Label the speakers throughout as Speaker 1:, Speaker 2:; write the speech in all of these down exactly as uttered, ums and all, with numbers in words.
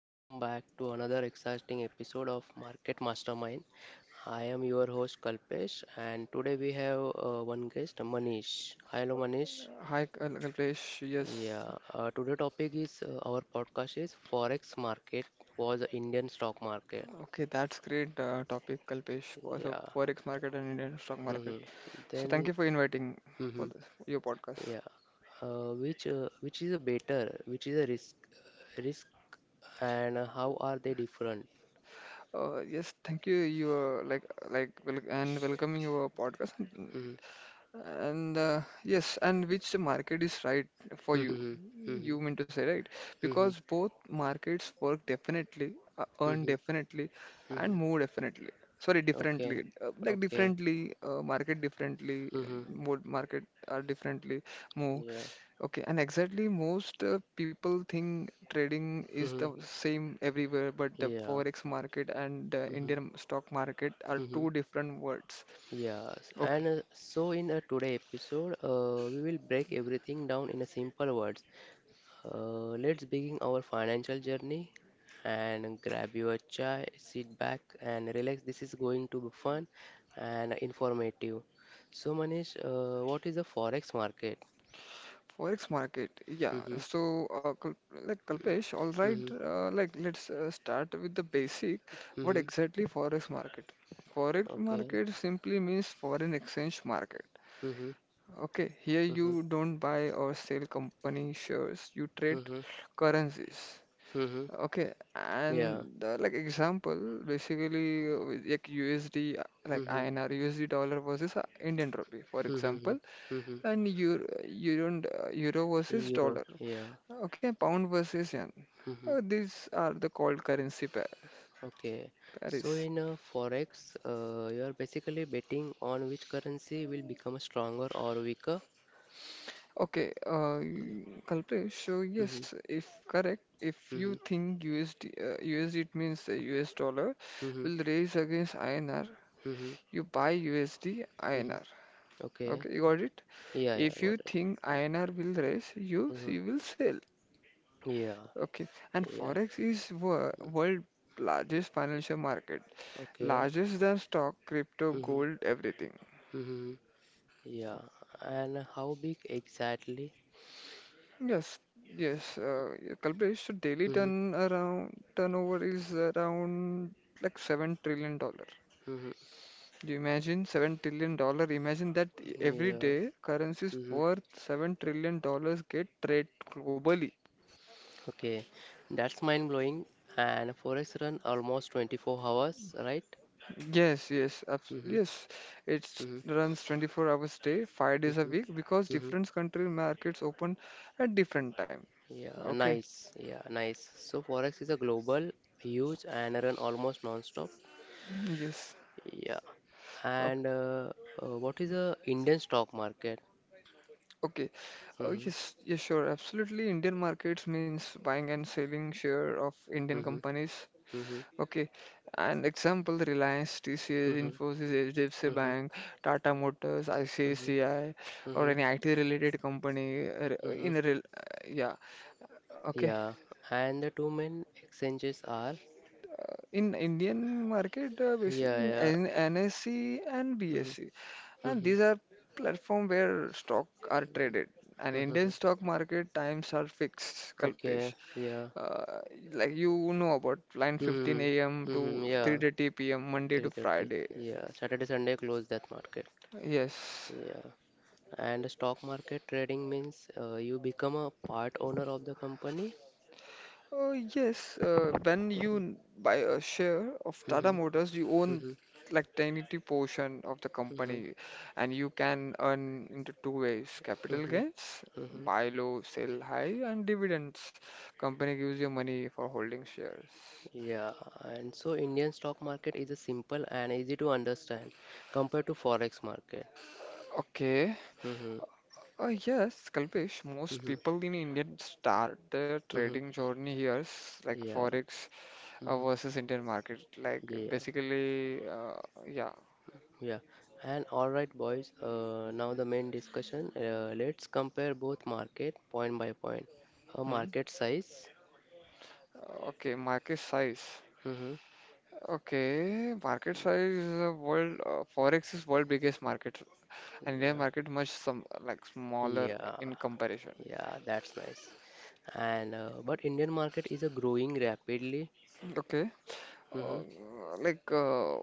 Speaker 1: welcome back to another exciting episode of Market Mastermind. I am your host Kalpesh and today we have uh, one guest Manish. Hello Manish.
Speaker 2: Hi, Kal- Kalpesh. Yes,
Speaker 1: Yeah, uh, today topic is uh, our podcast is Forex market was the Indian stock market.
Speaker 2: okay, that's great uh, topic, Kalpesh. For so
Speaker 1: Yeah.
Speaker 2: forex market and Indian stock market.
Speaker 1: hmm
Speaker 2: So
Speaker 1: Then.
Speaker 2: thank you for inviting for
Speaker 1: Hmm,
Speaker 2: this, your podcast.
Speaker 1: yeah. Uh, which uh, which is a better, which is a risk risk and how are they different?
Speaker 2: Uh, yes, thank you. You uh, like like wel- and welcoming your podcast.
Speaker 1: Hmm.
Speaker 2: And uh, Yes, and which market is right for you?
Speaker 1: Hmm. Hmm.
Speaker 2: You mean to say, right?
Speaker 1: Hmm.
Speaker 2: Because both markets work definitely, uh, earn
Speaker 1: Mhm.
Speaker 2: definitely, and
Speaker 1: Mhm.
Speaker 2: move definitely. Sorry,
Speaker 1: Okay.
Speaker 2: differently. Uh, like
Speaker 1: Okay.
Speaker 2: differently, uh, market differently,
Speaker 1: Mhm.
Speaker 2: mode market are differently, move.
Speaker 1: Yeah.
Speaker 2: Okay, and exactly most uh, people think trading is the
Speaker 1: Mhm.
Speaker 2: same everywhere, but the
Speaker 1: Yeah.
Speaker 2: forex market and the
Speaker 1: Mhm.
Speaker 2: Indian stock market are
Speaker 1: Mhm.
Speaker 2: two different words.
Speaker 1: Yes.
Speaker 2: Okay.
Speaker 1: And uh, so in a today episode, uh, we will break everything down in a simple words. Uh, let's begin our financial journey and grab your chai, sit back and relax. This is going to be fun and informative. So Manish, uh, what is the forex market?
Speaker 2: Forex market, yeah.
Speaker 1: Mhm.
Speaker 2: So, uh, Kal- like Kalpesh, all right,
Speaker 1: Mhm.
Speaker 2: uh, like let's uh, start with the basic. What
Speaker 1: Mhm.
Speaker 2: exactly forex market? Forex
Speaker 1: Okay.
Speaker 2: market simply means foreign exchange market.
Speaker 1: Mhm.
Speaker 2: Okay, here you
Speaker 1: Mhm.
Speaker 2: don't buy or sell company shares, you trade
Speaker 1: Mhm.
Speaker 2: currencies.
Speaker 1: Mm-hmm.
Speaker 2: Okay,
Speaker 1: Yeah.
Speaker 2: and uh, like example, basically uh, with, like U S D, uh, like
Speaker 1: Mm-hmm.
Speaker 2: I N R, U S D dollar versus uh, Indian rupee, for
Speaker 1: Mm-hmm.
Speaker 2: example,
Speaker 1: Mm-hmm.
Speaker 2: and euro, euro, and, uh, euro versus
Speaker 1: Euro.
Speaker 2: dollar.
Speaker 1: Yeah.
Speaker 2: Okay, pound versus yen.
Speaker 1: Mm-hmm.
Speaker 2: Uh, these are the called currency pair,
Speaker 1: Okay. So
Speaker 2: pairs.
Speaker 1: in uh, forex, uh, you are basically betting on which currency will become stronger or weaker.
Speaker 2: Okay, uh, Kalpesh, so
Speaker 1: Mm-hmm.
Speaker 2: yes, if correct, if you
Speaker 1: Mm-hmm.
Speaker 2: think U S D, uh, U S D it means the US dollar
Speaker 1: Mm-hmm.
Speaker 2: will raise against INR,
Speaker 1: Mm-hmm.
Speaker 2: you buy U S D I N R.
Speaker 1: Mm-hmm. Okay.
Speaker 2: Okay, you got it?
Speaker 1: Yeah. Yeah.
Speaker 2: If you
Speaker 1: Got it.
Speaker 2: think I N R will rise, you
Speaker 1: Mm-hmm.
Speaker 2: you will sell.
Speaker 1: Yeah.
Speaker 2: Okay, and
Speaker 1: Yeah.
Speaker 2: Forex is wor world largest financial market,
Speaker 1: Okay.
Speaker 2: largest than stock, crypto,
Speaker 1: Mm-hmm.
Speaker 2: gold, everything.
Speaker 1: Mm-hmm. Yeah. And how big exactly?
Speaker 2: Yes, yes. Uh, yeah, Kalpesh, so daily
Speaker 1: Mm-hmm.
Speaker 2: turn around turnover is around like seven trillion dollar. Do you imagine seven trillion dollar? Imagine that
Speaker 1: Mm-hmm.
Speaker 2: every
Speaker 1: Yeah.
Speaker 2: day currencies worth seven trillion dollars get trade globally.
Speaker 1: Okay, that's mind blowing. And forex run almost twenty-four hours, right?
Speaker 2: Yes, yes, abs
Speaker 1: Mm-hmm,
Speaker 2: yes. It
Speaker 1: mm-hmm,
Speaker 2: runs twenty-four hours a day, five days a
Speaker 1: mm-hmm,
Speaker 2: week because
Speaker 1: mm-hmm.
Speaker 2: different country markets open at different time.
Speaker 1: Yeah,
Speaker 2: Okay.
Speaker 1: nice. Yeah, nice. So forex is a global, huge, and run almost non-stop.
Speaker 2: Yes.
Speaker 1: Yeah.
Speaker 2: Okay.
Speaker 1: And uh, uh, what is the Indian stock market?
Speaker 2: okay. Oh
Speaker 1: Mm-hmm,
Speaker 2: yes, yes, sure. Absolutely. Indian markets means buying and selling share of Indian
Speaker 1: mm-hmm,
Speaker 2: companies.
Speaker 1: mm-hmm,
Speaker 2: Okay. An example, Reliance, T C S,
Speaker 1: mm-hmm,
Speaker 2: Infosys, H D F C
Speaker 1: mm-hmm,
Speaker 2: Bank, Tata Motors,
Speaker 1: mm-hmm,
Speaker 2: I C I C I, or
Speaker 1: mm-hmm,
Speaker 2: any I T related company uh,
Speaker 1: mm-hmm.
Speaker 2: in a real, yeah. Okay.
Speaker 1: Yeah. And the two main exchanges are.
Speaker 2: In Indian market, uh, basically
Speaker 1: Yeah,
Speaker 2: in
Speaker 1: yeah.
Speaker 2: N- NSE and B S E,
Speaker 1: Mm-hmm,
Speaker 2: and
Speaker 1: mm-hmm,
Speaker 2: these are platform where stock are traded. And
Speaker 1: mm-hmm,
Speaker 2: Indian
Speaker 1: mm-hmm.
Speaker 2: stock market times are fixed, Kalpesh.
Speaker 1: Okay, yeah.
Speaker 2: Uh, like you know about 9:15
Speaker 1: Mm-hmm.
Speaker 2: a.m. to
Speaker 1: Mm-hmm. Yeah.
Speaker 2: three thirty p m. Monday to
Speaker 1: three thirty.
Speaker 2: Friday.
Speaker 1: Yeah. Saturday, Sunday close that market.
Speaker 2: Yes.
Speaker 1: Yeah. And stock market trading means uh, you become a part owner of the company.
Speaker 2: Uh, yes, uh, when you
Speaker 1: Mm-hmm.
Speaker 2: n- buy a share of Tata
Speaker 1: Mm-hmm.
Speaker 2: Motors, you own
Speaker 1: Mm-hmm.
Speaker 2: like tiny portion of the
Speaker 1: Mm-hmm.
Speaker 2: company, and you can earn into two ways: capital
Speaker 1: Mm-hmm.
Speaker 2: gains,
Speaker 1: Mm-hmm.
Speaker 2: buy low, sell high, and dividends. Company gives you money for holding shares.
Speaker 1: Yeah, and so Indian stock market is a simple and easy to understand compared to forex market.
Speaker 2: Okay.
Speaker 1: Mm-hmm.
Speaker 2: Uh, yes, Kalpesh, most
Speaker 1: Mm-hmm.
Speaker 2: people in India start their
Speaker 1: Mm-hmm.
Speaker 2: trading journey here, s- like
Speaker 1: Yeah.
Speaker 2: forex uh,
Speaker 1: Mm-hmm.
Speaker 2: versus Indian market. Like
Speaker 1: Yeah.
Speaker 2: basically, uh, yeah.
Speaker 1: Yeah, and all right, boys. Uh, now the main discussion. Uh, let's compare both market point by point. A
Speaker 2: Hmm?
Speaker 1: market size.
Speaker 2: Okay, market size.
Speaker 1: Mm-hmm.
Speaker 2: Okay, market size uh, world uh, Forex is world biggest market and Indian
Speaker 1: Yeah,
Speaker 2: market much some like smaller
Speaker 1: yeah,
Speaker 2: in comparison.
Speaker 1: yeah. That's nice. And uh, but Indian market is a growing rapidly.
Speaker 2: Okay.
Speaker 1: Mm-hmm.
Speaker 2: Uh, like uh,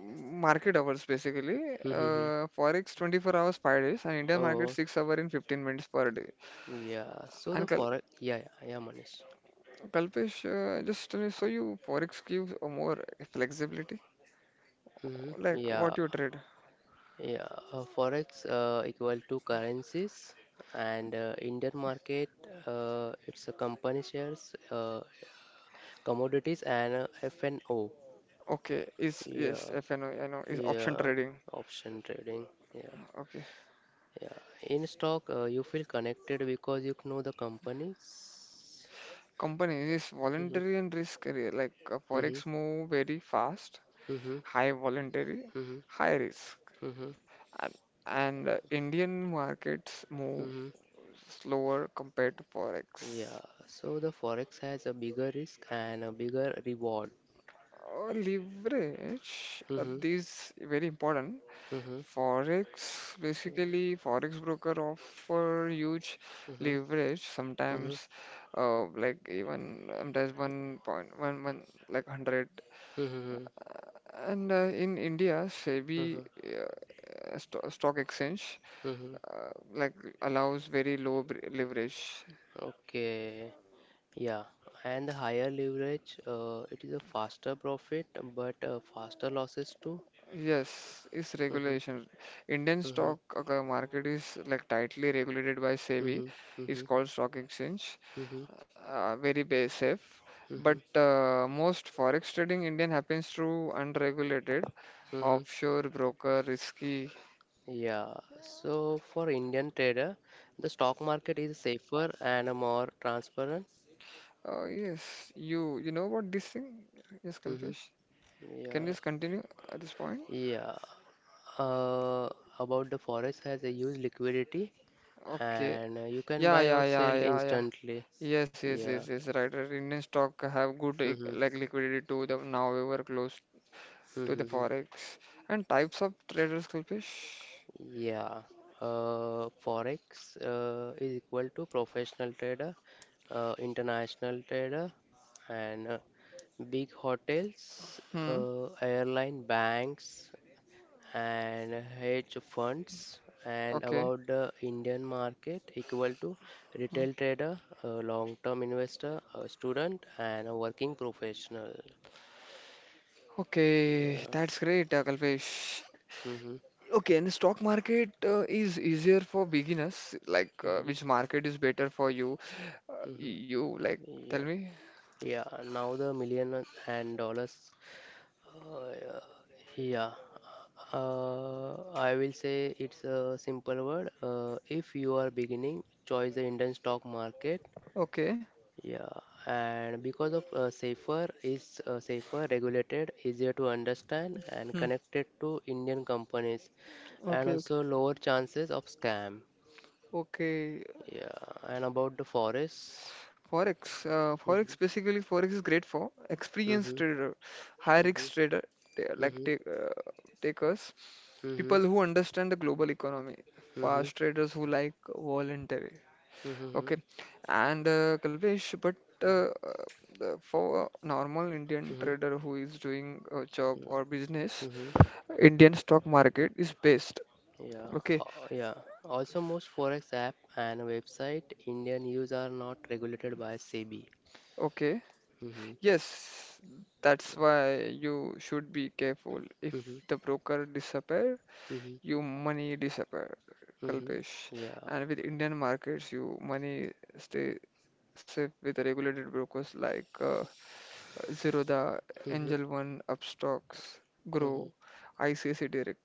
Speaker 2: Market hours basically
Speaker 1: Mm-hmm.
Speaker 2: uh, Forex twenty-four hours five days and Indian market
Speaker 1: Oh,
Speaker 2: six hour in fifteen minutes per day.
Speaker 1: yeah. So the
Speaker 2: And Kal
Speaker 1: forex. Yeah, yeah, yeah, Manish.
Speaker 2: Kalpesh uh, just tell me so you Forex gives a more flexibility
Speaker 1: Mm-hmm.
Speaker 2: like
Speaker 1: Yeah.
Speaker 2: what you trade.
Speaker 1: Yeah, uh, forex uh, equal to currencies and uh, Indian market uh, it's a company shares, uh, commodities and uh, F and O.
Speaker 2: Okay, is yes
Speaker 1: Yeah,
Speaker 2: F N O I know is option
Speaker 1: yeah,
Speaker 2: trading.
Speaker 1: option trading. Yeah,
Speaker 2: Okay.
Speaker 1: yeah. In stock, uh, you feel connected because you know the companies.
Speaker 2: Companies is
Speaker 1: Mm-hmm,
Speaker 2: voluntary and risk career. Like uh,
Speaker 1: mm-hmm,
Speaker 2: forex move very fast,
Speaker 1: mm-hmm,
Speaker 2: high voluntary,
Speaker 1: mm-hmm,
Speaker 2: high risk,
Speaker 1: mm-hmm,
Speaker 2: and, and uh, Indian markets move
Speaker 1: mm-hmm.
Speaker 2: slower compared to forex.
Speaker 1: Yeah. So the forex has a bigger risk and a bigger reward.
Speaker 2: Uh, leverage uh,
Speaker 1: Mm-hmm,
Speaker 2: this very important.
Speaker 1: mm-hmm,
Speaker 2: Forex basically forex broker offer huge
Speaker 1: mm-hmm,
Speaker 2: leverage.
Speaker 1: mm-hmm.
Speaker 2: Sometimes, uh, like even sometimes one point one one like hundred.
Speaker 1: Mhm,
Speaker 2: And uh, in India, SEBI
Speaker 1: mhm,
Speaker 2: uh, sto- stock exchange,
Speaker 1: mhm.
Speaker 2: uh, like allows very low br- leverage.
Speaker 1: Okay, yeah, and the higher leverage, uh, it is a faster profit, but uh, faster losses too.
Speaker 2: Yes, it's
Speaker 1: Mhm,
Speaker 2: regulation. Indian
Speaker 1: mhm,
Speaker 2: stock uh, market is like tightly regulated by SEBI.
Speaker 1: mhm,
Speaker 2: It's
Speaker 1: mhm,
Speaker 2: called stock exchange.
Speaker 1: mhm,
Speaker 2: Uh, very ba- safe. But
Speaker 1: mhm,
Speaker 2: uh, most forex trading Indian happens through unregulated
Speaker 1: mhm.
Speaker 2: offshore broker risky.
Speaker 1: Yeah, so for Indian trader, the stock market is safer and more transparent.
Speaker 2: Uh, yes, you you know what this thing? Yes,
Speaker 1: Hmm.
Speaker 2: Kalpesh. Can you
Speaker 1: Yeah,
Speaker 2: just continue at this point?
Speaker 1: yeah. Uh, about the forex has a huge liquidity,
Speaker 2: Okay.
Speaker 1: and uh, you can
Speaker 2: Yeah,
Speaker 1: buy or
Speaker 2: yeah, yeah,
Speaker 1: sell
Speaker 2: yeah, yeah.
Speaker 1: instantly.
Speaker 2: Yes, yes, yes,
Speaker 1: Yeah,
Speaker 2: yes. Right, right. Indian stock have good eh,
Speaker 1: mm-hmm.
Speaker 2: like liquidity too. The now we were close to the
Speaker 1: Mm-hmm.
Speaker 2: forex and types of traders, Kalpesh.
Speaker 1: Yeah. Uh, Forex uh, is equal to professional trader, uh, international trader, and uh, big hotels,
Speaker 2: Hmm.
Speaker 1: uh, airline, banks, and hedge funds. And
Speaker 2: Okay.
Speaker 1: about the Indian market, equal to
Speaker 2: Hmm.
Speaker 1: retail trader, a long-term investor, a student, and a working professional.
Speaker 2: Okay.
Speaker 1: Yeah.
Speaker 2: That's great, uh, Kalpesh.
Speaker 1: Mm-hmm.
Speaker 2: Okay, and the stock market uh, is easier for beginners. Like, uh,
Speaker 1: Mm-hmm.
Speaker 2: which market is better for you? Uh,
Speaker 1: Mm-hmm.
Speaker 2: you like tell
Speaker 1: Yeah.
Speaker 2: me.
Speaker 1: Yeah, now the million and dollars. Uh, yeah, uh, I will say it's a simple word. Uh, if you are beginning, choose the Indian stock market.
Speaker 2: Okay.
Speaker 1: Yeah, and because of uh, safer is uh, safer, regulated, easier to understand, and
Speaker 2: Hmm.
Speaker 1: connected to Indian companies, and
Speaker 2: Okay. Okay.
Speaker 1: also lower chances of scam.
Speaker 2: Okay.
Speaker 1: Yeah, and about the forest.
Speaker 2: Forex, uh, Forex
Speaker 1: Hmm.
Speaker 2: basically Forex is great for experienced
Speaker 1: Hmm.
Speaker 2: trader, high
Speaker 1: Hmm.
Speaker 2: risk trader, ta- like
Speaker 1: Hmm.
Speaker 2: take, uh, takers,
Speaker 1: Hmm.
Speaker 2: people who understand the global economy,
Speaker 1: Hmm.
Speaker 2: fast traders who like voluntary.
Speaker 1: Mm-hmm.
Speaker 2: Okay, and uh, Kalpesh, but uh, uh, for a normal Indian
Speaker 1: Mm-hmm.
Speaker 2: trader who is doing a job or business,
Speaker 1: Mm-hmm. Mm-hmm,
Speaker 2: Indian stock market is best.
Speaker 1: mm-hmm. Yeah.
Speaker 2: Okay,
Speaker 1: Uh, yeah. Also, most forex app and website Indian use are not regulated by SEBI.
Speaker 2: okay.
Speaker 1: Mm-hmm.
Speaker 2: Yes, that's why you should be careful. If
Speaker 1: Mm-hmm.
Speaker 2: the broker disappear,
Speaker 1: Mm-hmm.
Speaker 2: you money disappear,
Speaker 1: Mm-hmm.
Speaker 2: Kalpesh.
Speaker 1: Yeah.
Speaker 2: And with Indian markets, you money stay safe with regulated brokers like uh, Zerodha,
Speaker 1: Mm-hmm.
Speaker 2: Angel One, Upstocks,
Speaker 1: Mm-hmm.
Speaker 2: Grow, I C I C I Direct.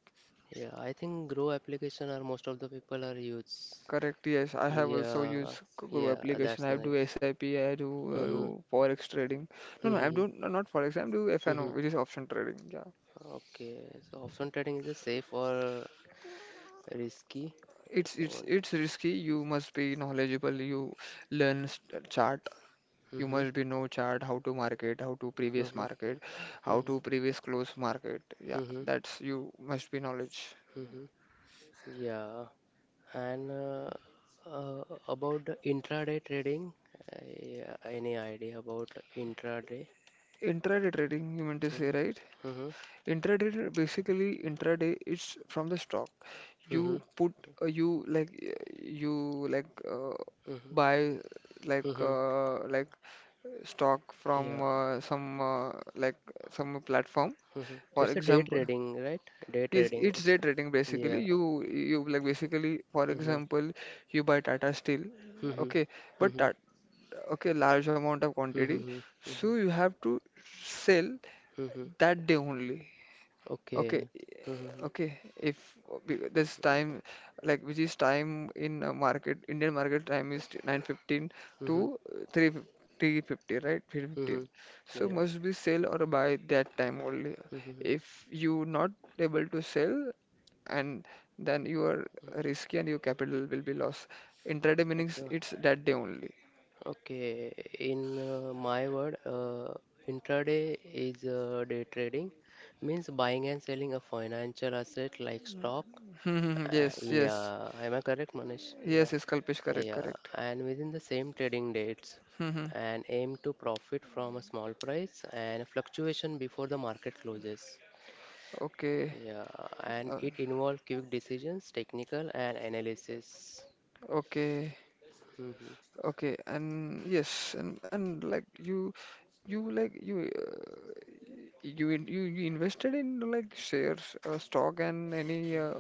Speaker 1: Yeah. I think Grow application are most of the people are use.
Speaker 2: Correct, yes. I have also used
Speaker 1: Yeah.
Speaker 2: G- Grow
Speaker 1: Yeah.
Speaker 2: application.
Speaker 1: That's
Speaker 2: I do
Speaker 1: nice.
Speaker 2: S I P, I P, I do, I
Speaker 1: Mm-hmm.
Speaker 2: do Forex trading. No, no, I
Speaker 1: Mm-hmm.
Speaker 2: do doing no, not Forex, I'm doing F N O,
Speaker 1: Mm-hmm.
Speaker 2: which is option trading. Yeah.
Speaker 1: Okay. So option trading is a safe or risky?
Speaker 2: It's
Speaker 1: Is the
Speaker 2: it's
Speaker 1: one.
Speaker 2: it's risky. You must be knowledgeable. You learn s- chart You
Speaker 1: Mm-hmm.
Speaker 2: must be know chart how to market, how to previous
Speaker 1: Mm-hmm.
Speaker 2: market, how to previous close market. Yeah,
Speaker 1: Mm-hmm.
Speaker 2: that's you must be knowledge.
Speaker 1: Mm-hmm. Yeah, and uh, uh, about the intraday trading, uh, yeah, any idea about intraday?
Speaker 2: Intraday trading, you meant to say,
Speaker 1: Mhm,
Speaker 2: right?
Speaker 1: mhm,
Speaker 2: Intraday tra- basically intraday is from the stock.
Speaker 1: mhm,
Speaker 2: You put uh, you like uh, you like uh,
Speaker 1: mhm,
Speaker 2: buy like
Speaker 1: mhm.
Speaker 2: uh, like uh, stock from
Speaker 1: Yeah,
Speaker 2: uh, some uh, like some platform.
Speaker 1: mhm.
Speaker 2: For
Speaker 1: It's a day
Speaker 2: example.
Speaker 1: trading, right? Day
Speaker 2: Yes,
Speaker 1: trading.
Speaker 2: it's
Speaker 1: It's
Speaker 2: day
Speaker 1: a
Speaker 2: trading basically.
Speaker 1: yeah.
Speaker 2: You you like basically for
Speaker 1: Mhm,
Speaker 2: example, you buy Tata Steel,
Speaker 1: mhm,
Speaker 2: okay, but
Speaker 1: mhm,
Speaker 2: that okay large amount of quantity,
Speaker 1: mhm,
Speaker 2: so
Speaker 1: mhm,
Speaker 2: you have to sell
Speaker 1: mhm.
Speaker 2: that day only. Okay,
Speaker 1: Okay. Mhm,
Speaker 2: okay. If be- This time, like which is time in uh, market, Indian market time is nine fifteen
Speaker 1: mhm,
Speaker 2: to
Speaker 1: mhm,
Speaker 2: uh, three three fifty, right? three fifteen.
Speaker 1: mhm.
Speaker 2: So
Speaker 1: Yeah.
Speaker 2: must be sell or buy that time only.
Speaker 1: Mhm.
Speaker 2: If you not able to sell, and then you are risky and your capital will be lost. Intraday means
Speaker 1: Okay.
Speaker 2: it's that day only.
Speaker 1: Okay, in uh, my word, uh, intraday is uh, day trading, means buying and selling a financial asset like stock.
Speaker 2: Hmm, hmm, hmm.
Speaker 1: Uh,
Speaker 2: Yes, yes,
Speaker 1: yeah, am I correct, Manish? Yeah,
Speaker 2: yes. Yes, Kalpesh, correct,
Speaker 1: yeah,
Speaker 2: correct.
Speaker 1: and within the same trading dates,
Speaker 2: Hmm, hmm.
Speaker 1: and aim to profit from a small price and fluctuation before the market closes.
Speaker 2: Okay,
Speaker 1: Yeah, and
Speaker 2: uh,
Speaker 1: it involves quick decisions, technical, and analysis.
Speaker 2: okay.
Speaker 1: Mhm.
Speaker 2: Okay, and yes, and and like you, you like you, uh, you in- you you invested in like shares, uh, stock, and any uh,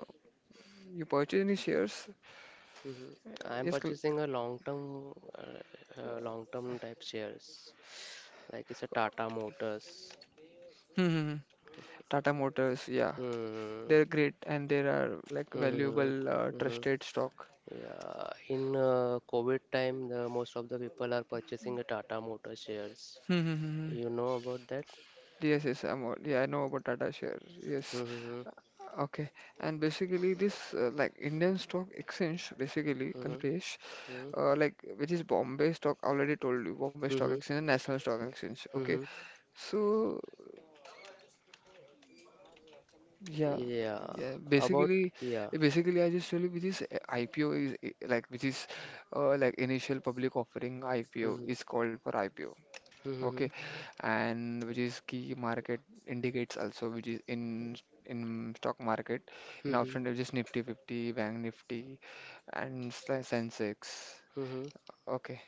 Speaker 2: you purchase any shares?
Speaker 1: Mhm. I'm
Speaker 2: Yes, cl-
Speaker 1: purchasing a long-term, uh, uh, long-term type shares. Like it's a Tata Motors.
Speaker 2: Hmm, hmm, hmm. Tata Motors, yeah,
Speaker 1: Hmm.
Speaker 2: they're great, and they are like
Speaker 1: Hmm.
Speaker 2: valuable, uh,
Speaker 1: Hmm.
Speaker 2: trusted stock.
Speaker 1: Yeah. In uh, COVID time, the most of the people are purchasing a Tata Motors shares.
Speaker 2: Hmm, hmm, hmm.
Speaker 1: You know about that?
Speaker 2: Yes, yes, I'm, aw- yeah, I know about Tata Share. Yes.
Speaker 1: Mm-hmm.
Speaker 2: Uh, Okay. And basically this uh, like Indian Stock Exchange basically,
Speaker 1: Mm-hmm.
Speaker 2: Kalpesh,
Speaker 1: Mm-hmm.
Speaker 2: uh, like which is Bombay Stock, already told you, Bombay Stock
Speaker 1: Mm-hmm.
Speaker 2: Exchange and National Stock Exchange. Okay.
Speaker 1: Mm-hmm.
Speaker 2: So yeah,
Speaker 1: Yeah.
Speaker 2: yeah,
Speaker 1: About
Speaker 2: basically
Speaker 1: yeah.
Speaker 2: basically I just tell you which is uh, I P O is uh, like which is uh, like initial public offering. I P O
Speaker 1: Mm-hmm.
Speaker 2: is called for I P O. Okay,
Speaker 1: Mm-hmm.
Speaker 2: and which is key market indicates also, which is in in stock market, in
Speaker 1: Mm-hmm.
Speaker 2: option which is Nifty fifty, Bank Nifty, and Sen- Sensex.
Speaker 1: Mm-hmm.
Speaker 2: Okay,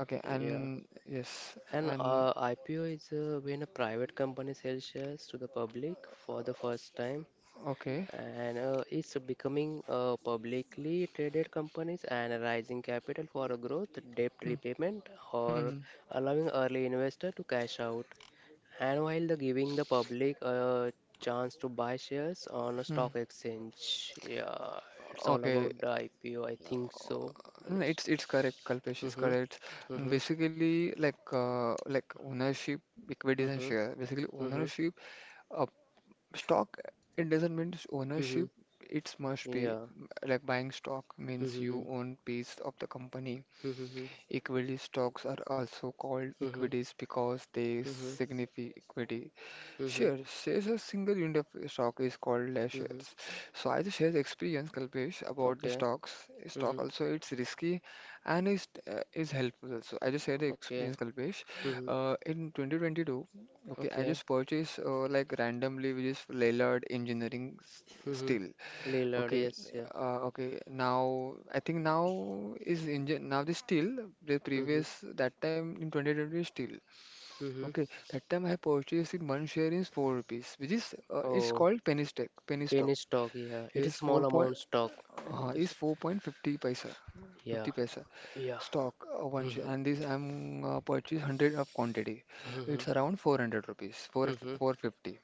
Speaker 2: okay,
Speaker 1: Yeah.
Speaker 2: and yes,
Speaker 1: An
Speaker 2: and
Speaker 1: uh, I P O is uh, when a private company sells shares to the public for the first time,
Speaker 2: okay,
Speaker 1: and uh, it's becoming uh, publicly traded companies and raising capital for a growth, debt
Speaker 2: hmm,
Speaker 1: repayment, or
Speaker 2: hmm,
Speaker 1: allowing early investor to cash out. And while the giving the public a chance to buy shares on a
Speaker 2: hmm.
Speaker 1: stock exchange, yeah, it's all
Speaker 2: Okay.
Speaker 1: about the I P O. I think so,
Speaker 2: No,
Speaker 1: Manish.
Speaker 2: it's it's correct. Kalpesh is
Speaker 1: Mm-hmm,
Speaker 2: correct. And
Speaker 1: mm-hmm,
Speaker 2: basically, like uh, like ownership, equities and
Speaker 1: mm-hmm,
Speaker 2: share. Basically,
Speaker 1: mm-hmm.
Speaker 2: ownership. uh, Stock, it doesn't mean
Speaker 1: Mm-hmm.
Speaker 2: ownership. It must be
Speaker 1: Yeah.
Speaker 2: like buying stock means
Speaker 1: Mm-hmm.
Speaker 2: you own piece of the company.
Speaker 1: Mm-hmm.
Speaker 2: Equity stocks are also called
Speaker 1: Mm-hmm.
Speaker 2: equities because they
Speaker 1: Mm-hmm.
Speaker 2: signify equity.
Speaker 1: Mm-hmm.
Speaker 2: Share. Shares a single unit of stock is called as
Speaker 1: Mm-hmm.
Speaker 2: shares. So as a shares experience, Kalpesh, about the
Speaker 1: Okay.
Speaker 2: stocks, stock
Speaker 1: Mm-hmm.
Speaker 2: also it's risky and is uh, is helpful. So I just share the experience,
Speaker 1: Okay.
Speaker 2: Kalpesh.
Speaker 1: Mm-hmm.
Speaker 2: Uh, in twenty twenty-two, okay, I
Speaker 1: Okay.
Speaker 2: just purchased uh, like randomly, which is Lellard Engineering s-
Speaker 1: Mm-hmm.
Speaker 2: Steel.
Speaker 1: Lillard,
Speaker 2: Okay,
Speaker 1: yes, yeah.
Speaker 2: uh, okay. Now I think now is engine now the steel. The
Speaker 1: Mm-hmm.
Speaker 2: previous that time in twenty twenty steel.
Speaker 1: Mm-hmm.
Speaker 2: Okay, that time I purchased in one share is four rupees, which is uh, it's
Speaker 1: Oh,
Speaker 2: called penny stock. Penny stock.
Speaker 1: penny stock, yeah. It is
Speaker 2: Yes, four
Speaker 1: small
Speaker 2: point
Speaker 1: amount stock. I mean
Speaker 2: uh,
Speaker 1: to
Speaker 2: is
Speaker 1: say.
Speaker 2: four point fifty paisa,
Speaker 1: Yeah.
Speaker 2: fifty paisa
Speaker 1: Yeah.
Speaker 2: stock uh, one
Speaker 1: Mm-hmm.
Speaker 2: share, and this I'm uh, purchased hundred of quantity.
Speaker 1: Mm-hmm.
Speaker 2: It's around four hundred rupees, four
Speaker 1: Mm-hmm.
Speaker 2: four fifty.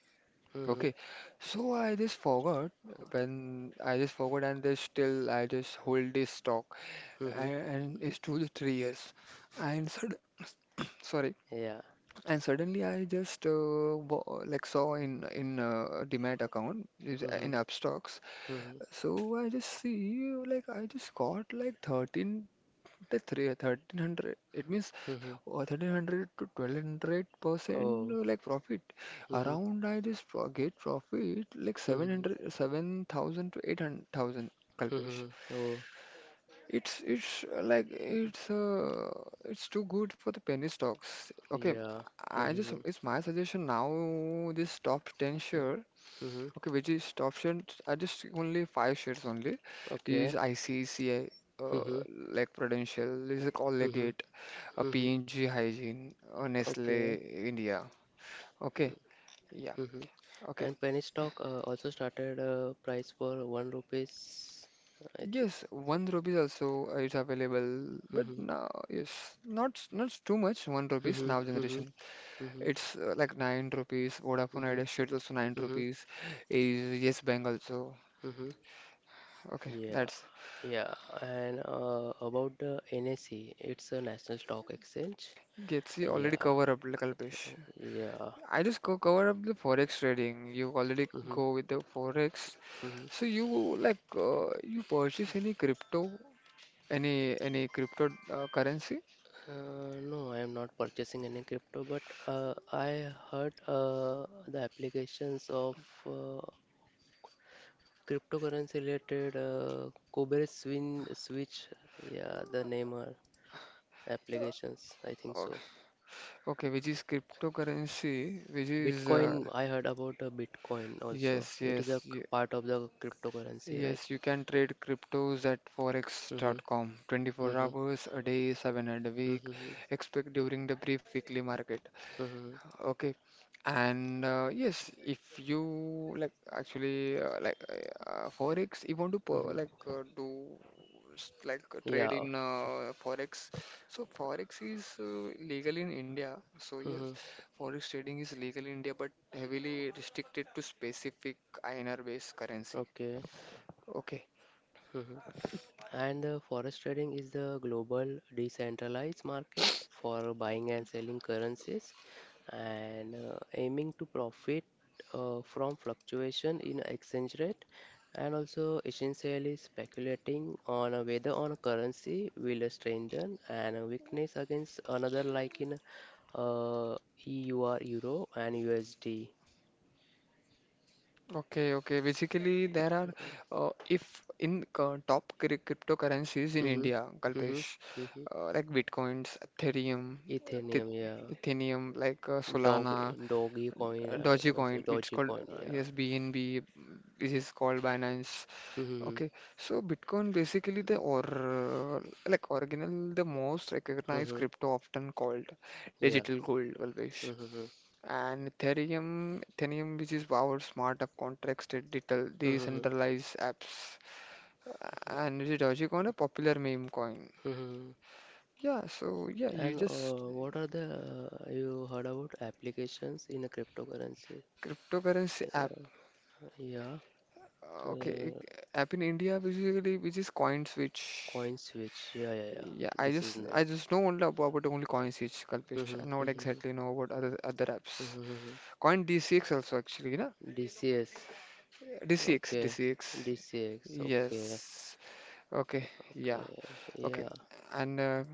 Speaker 1: Mm-hmm.
Speaker 2: Okay, so I just forgot when I just forgot, and there's still I just hold this stock,
Speaker 1: Mm-hmm.
Speaker 2: and, and it's two to three years, and sud- sorry.
Speaker 1: Yeah.
Speaker 2: And suddenly I just uh, wa- like saw in in uh, Demat account is-
Speaker 1: Mm-hmm.
Speaker 2: in Upstocks.
Speaker 1: Mm-hmm.
Speaker 2: So I just see like I just got like thirteen. The three, thirteen hundred, it means
Speaker 1: Mm-hmm.
Speaker 2: uh, thirteen hundred to twelve hundred percent
Speaker 1: Oh.
Speaker 2: uh, like profit.
Speaker 1: Mm-hmm.
Speaker 2: Around I just pro get profit like seven hundred,
Speaker 1: Mm-hmm.
Speaker 2: seven thousand to eight hundred thousand, Kalpesh.
Speaker 1: Mm-hmm. Oh.
Speaker 2: It's it's uh, like it's uh it's too good for the penny stocks. Okay,
Speaker 1: Yeah.
Speaker 2: I just
Speaker 1: Mm-hmm.
Speaker 2: it's my suggestion now. This top ten share.
Speaker 1: Mm-hmm.
Speaker 2: Okay, which is top shirts are just take only five shirts only.
Speaker 1: Okay.
Speaker 2: Is I C C I, uh,
Speaker 1: Mhm.
Speaker 2: like Prudential, is a
Speaker 1: Mhm.
Speaker 2: Colgate, a
Speaker 1: Mhm.
Speaker 2: P and g Hygiene, uh, Nestle
Speaker 1: Okay.
Speaker 2: India. Okay, yeah,
Speaker 1: Mhm.
Speaker 2: okay.
Speaker 1: And penny stock uh, also started uh, price for one rupees, I think.
Speaker 2: Yes, one rupees also uh, is available, but
Speaker 1: Mhm.
Speaker 2: now yes, not not too much. One rupees
Speaker 1: Mhm.
Speaker 2: now
Speaker 1: Mhm.
Speaker 2: generation.
Speaker 1: Mhm.
Speaker 2: It's uh, like nine rupees. Vodafone
Speaker 1: Mhm.
Speaker 2: Idea shirt also nine
Speaker 1: Mhm.
Speaker 2: rupees. Is Yes Bank also.
Speaker 1: Mhm.
Speaker 2: Okay,
Speaker 1: Yeah.
Speaker 2: that's
Speaker 1: Yeah. And uh, about the N S E, it's a National Stock Exchange.
Speaker 2: gets you already
Speaker 1: Yeah.
Speaker 2: cover up, like Kalpesh.
Speaker 1: Yeah.
Speaker 2: I just go cover up the forex trading. You already
Speaker 1: Mhm.
Speaker 2: go with the forex.
Speaker 1: Mhm.
Speaker 2: So you like uh, you purchase any crypto, any any crypto uh, currency?
Speaker 1: Uh, no, I am not purchasing any crypto, but uh, I heard uh, the applications of uh, cryptocurrency related, uh, Kubernetes Swin, Switch, yeah, the name are
Speaker 2: Uh,
Speaker 1: applications, I think
Speaker 2: Okay,
Speaker 1: so.
Speaker 2: okay, which is cryptocurrency, which is uh,
Speaker 1: Bitcoin, I heard about uh, Bitcoin also.
Speaker 2: yes,
Speaker 1: It is a
Speaker 2: yes,
Speaker 1: c-
Speaker 2: y-
Speaker 1: part of the cryptocurrency, right?
Speaker 2: yes. You can trade cryptos at
Speaker 1: Mm-hmm,
Speaker 2: forex dot com twenty-four
Speaker 1: mm-hmm,
Speaker 2: hours a day, seven days a week.
Speaker 1: mm-hmm,
Speaker 2: Expect during the brief weekly market.
Speaker 1: mm-hmm,
Speaker 2: Okay. And uh, yes, if you like actually uh, like uh, forex, if you want to per- like
Speaker 1: mm-hmm.
Speaker 2: uh, do s- like uh, trade
Speaker 1: Yeah.
Speaker 2: in uh, forex, so forex is uh, legal in India. So yes,
Speaker 1: Mm-hmm.
Speaker 2: forex trading is legal in India, but heavily restricted to specific I N R based currency.
Speaker 1: Okay.
Speaker 2: Okay.
Speaker 1: Mm-hmm. And the forex trading is the global decentralized market for buying and selling currencies and uh, aiming to profit uh, from fluctuation in exchange rate and also essentially speculating on uh, whether on a currency will strengthen and weakness against another like in uh, E U R euro and U S D.
Speaker 2: Okay, okay. Basically, there are uh, if in uh, top cri- cryptocurrencies in
Speaker 1: Mm-hmm.
Speaker 2: India,
Speaker 1: Mm-hmm.
Speaker 2: Kalpesh,
Speaker 1: Mm-hmm.
Speaker 2: uh, like Bitcoins, Ethereum,
Speaker 1: Ethereum,
Speaker 2: Eth-
Speaker 1: yeah.
Speaker 2: Ethereum, like uh, Solana,
Speaker 1: dog Doggy coin
Speaker 2: uh,
Speaker 1: and also
Speaker 2: Dogecoin, it's called
Speaker 1: dogecoin,
Speaker 2: uh,
Speaker 1: yeah.
Speaker 2: yes B N B, mm, which is called Binance.
Speaker 1: Mm-hmm.
Speaker 2: Okay, so Bitcoin basically the or uh, like original the most recognized
Speaker 1: Mm-hmm.
Speaker 2: crypto often called
Speaker 1: Yeah.
Speaker 2: digital gold, Kalpesh.
Speaker 1: Mm-hmm.
Speaker 2: And Ethereum, Ethereum, which is powered smart app contracts that detail
Speaker 1: Mm-hmm.
Speaker 2: decentralized apps, and which is Dogecoin, a popular meme coin.
Speaker 1: Mm-hmm.
Speaker 2: Yeah, so yeah, you
Speaker 1: And
Speaker 2: just
Speaker 1: uh, what are the uh, you heard about applications in a cryptocurrency?
Speaker 2: cryptocurrency app.
Speaker 1: Yeah, yeah.
Speaker 2: Uh, Okay,
Speaker 1: Uh,
Speaker 2: it- app in India basically, which is CoinSwitch.
Speaker 1: Coin switch. Yeah, yeah,
Speaker 2: Yeah,
Speaker 1: yeah.
Speaker 2: I
Speaker 1: This is
Speaker 2: just
Speaker 1: name.
Speaker 2: I just know only about, about only CoinSwitch, Kalpesh. I not exactly know about other other apps. Coin D C X also actually, na?
Speaker 1: D C S.
Speaker 2: D C X
Speaker 1: Okay.
Speaker 2: D C X.
Speaker 1: D C X. Okay.
Speaker 2: Yes. Okay. Yeah.
Speaker 1: Okay.
Speaker 2: Okay.
Speaker 1: Yeah.
Speaker 2: And uh,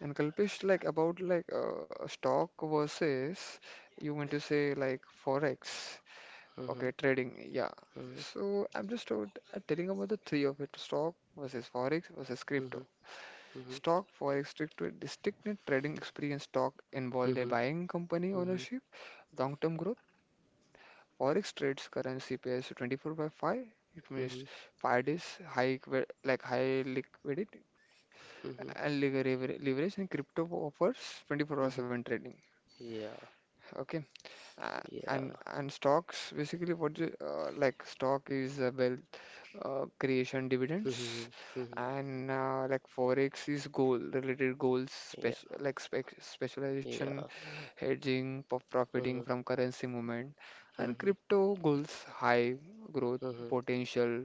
Speaker 2: and Kalpesh, like about like uh, stock versus you want to say like forex,
Speaker 1: Mhm,
Speaker 2: okay, trading, yeah. So I'm just told, uh, telling about the three of it: stock versus forex versus crypto.
Speaker 1: mhm, mhm, mhm,
Speaker 2: Stock, forex, crypto, distinctive trading experience. Stock involved the
Speaker 1: mhm,
Speaker 2: buying company
Speaker 1: mhm,
Speaker 2: ownership, long-term growth. Forex trades currency pairs twenty-four by five. It
Speaker 1: mhm,
Speaker 2: means five days high equi- like high liquidity
Speaker 1: mhm,
Speaker 2: and lever- leverage, and crypto offers twenty-four hour
Speaker 1: mhm.
Speaker 2: seven trading.
Speaker 1: Yeah.
Speaker 2: Okay. Uh,
Speaker 1: Yeah.
Speaker 2: and and stocks basically what the, uh, like stock is uh, wealth uh, creation dividends
Speaker 1: Mhm, mhm.
Speaker 2: and uh, like forex is goal related goals
Speaker 1: Yeah.
Speaker 2: spec like spec
Speaker 1: Yeah.
Speaker 2: specialization hedging po- profiting
Speaker 1: Mhm,
Speaker 2: from currency movement and
Speaker 1: mhm,
Speaker 2: crypto goals high growth
Speaker 1: mhm,
Speaker 2: potential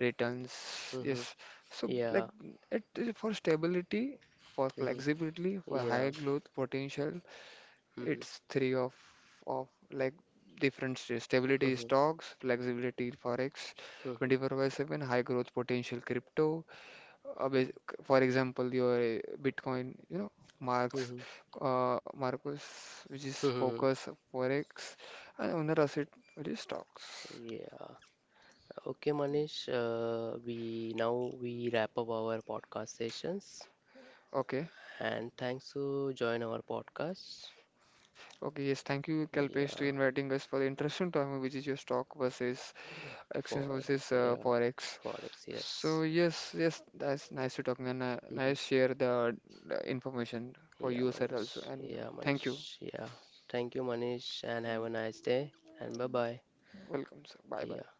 Speaker 2: returns
Speaker 1: mhm.
Speaker 2: yes so like
Speaker 1: Yeah.
Speaker 2: it is for stability for
Speaker 1: Mm-hmm.
Speaker 2: flexibility for high
Speaker 1: Yeah.
Speaker 2: growth potential
Speaker 1: Mhm,
Speaker 2: it's three of of like different states. Stability is
Speaker 1: mhm,
Speaker 2: stocks, flexibility is forex,
Speaker 1: mhm,
Speaker 2: twenty-four by seven, high growth potential crypto. Uh, bas- for example, your uh, Bitcoin, you know, Marks,
Speaker 1: mhm,
Speaker 2: uh, Marcos, which is
Speaker 1: mhm.
Speaker 2: focus forex, and owner asset, which is stocks.
Speaker 1: Yeah. Okay, Manish. Uh, we now we wrap up our podcast sessions,
Speaker 2: Okay.
Speaker 1: and thanks to join our podcast.
Speaker 2: Okay, yes, thank you, Kalpesh, to
Speaker 1: Yeah.
Speaker 2: inviting us for the interesting topic, which is your stock versus Exchange
Speaker 1: Forex.
Speaker 2: versus uh,
Speaker 1: Yeah.
Speaker 2: Forex.
Speaker 1: Forex. Yes.
Speaker 2: So yes, yes, that's nice to talking and uh,
Speaker 1: Mm-hmm.
Speaker 2: nice share the, the information for
Speaker 1: Yeah,
Speaker 2: you sir also.
Speaker 1: Manish.
Speaker 2: And
Speaker 1: Yeah,
Speaker 2: thank you.
Speaker 1: Manish. Yeah. Thank you, Manish, and have a nice day. And bye bye.
Speaker 2: Welcome, sir. Bye bye.
Speaker 1: Yeah.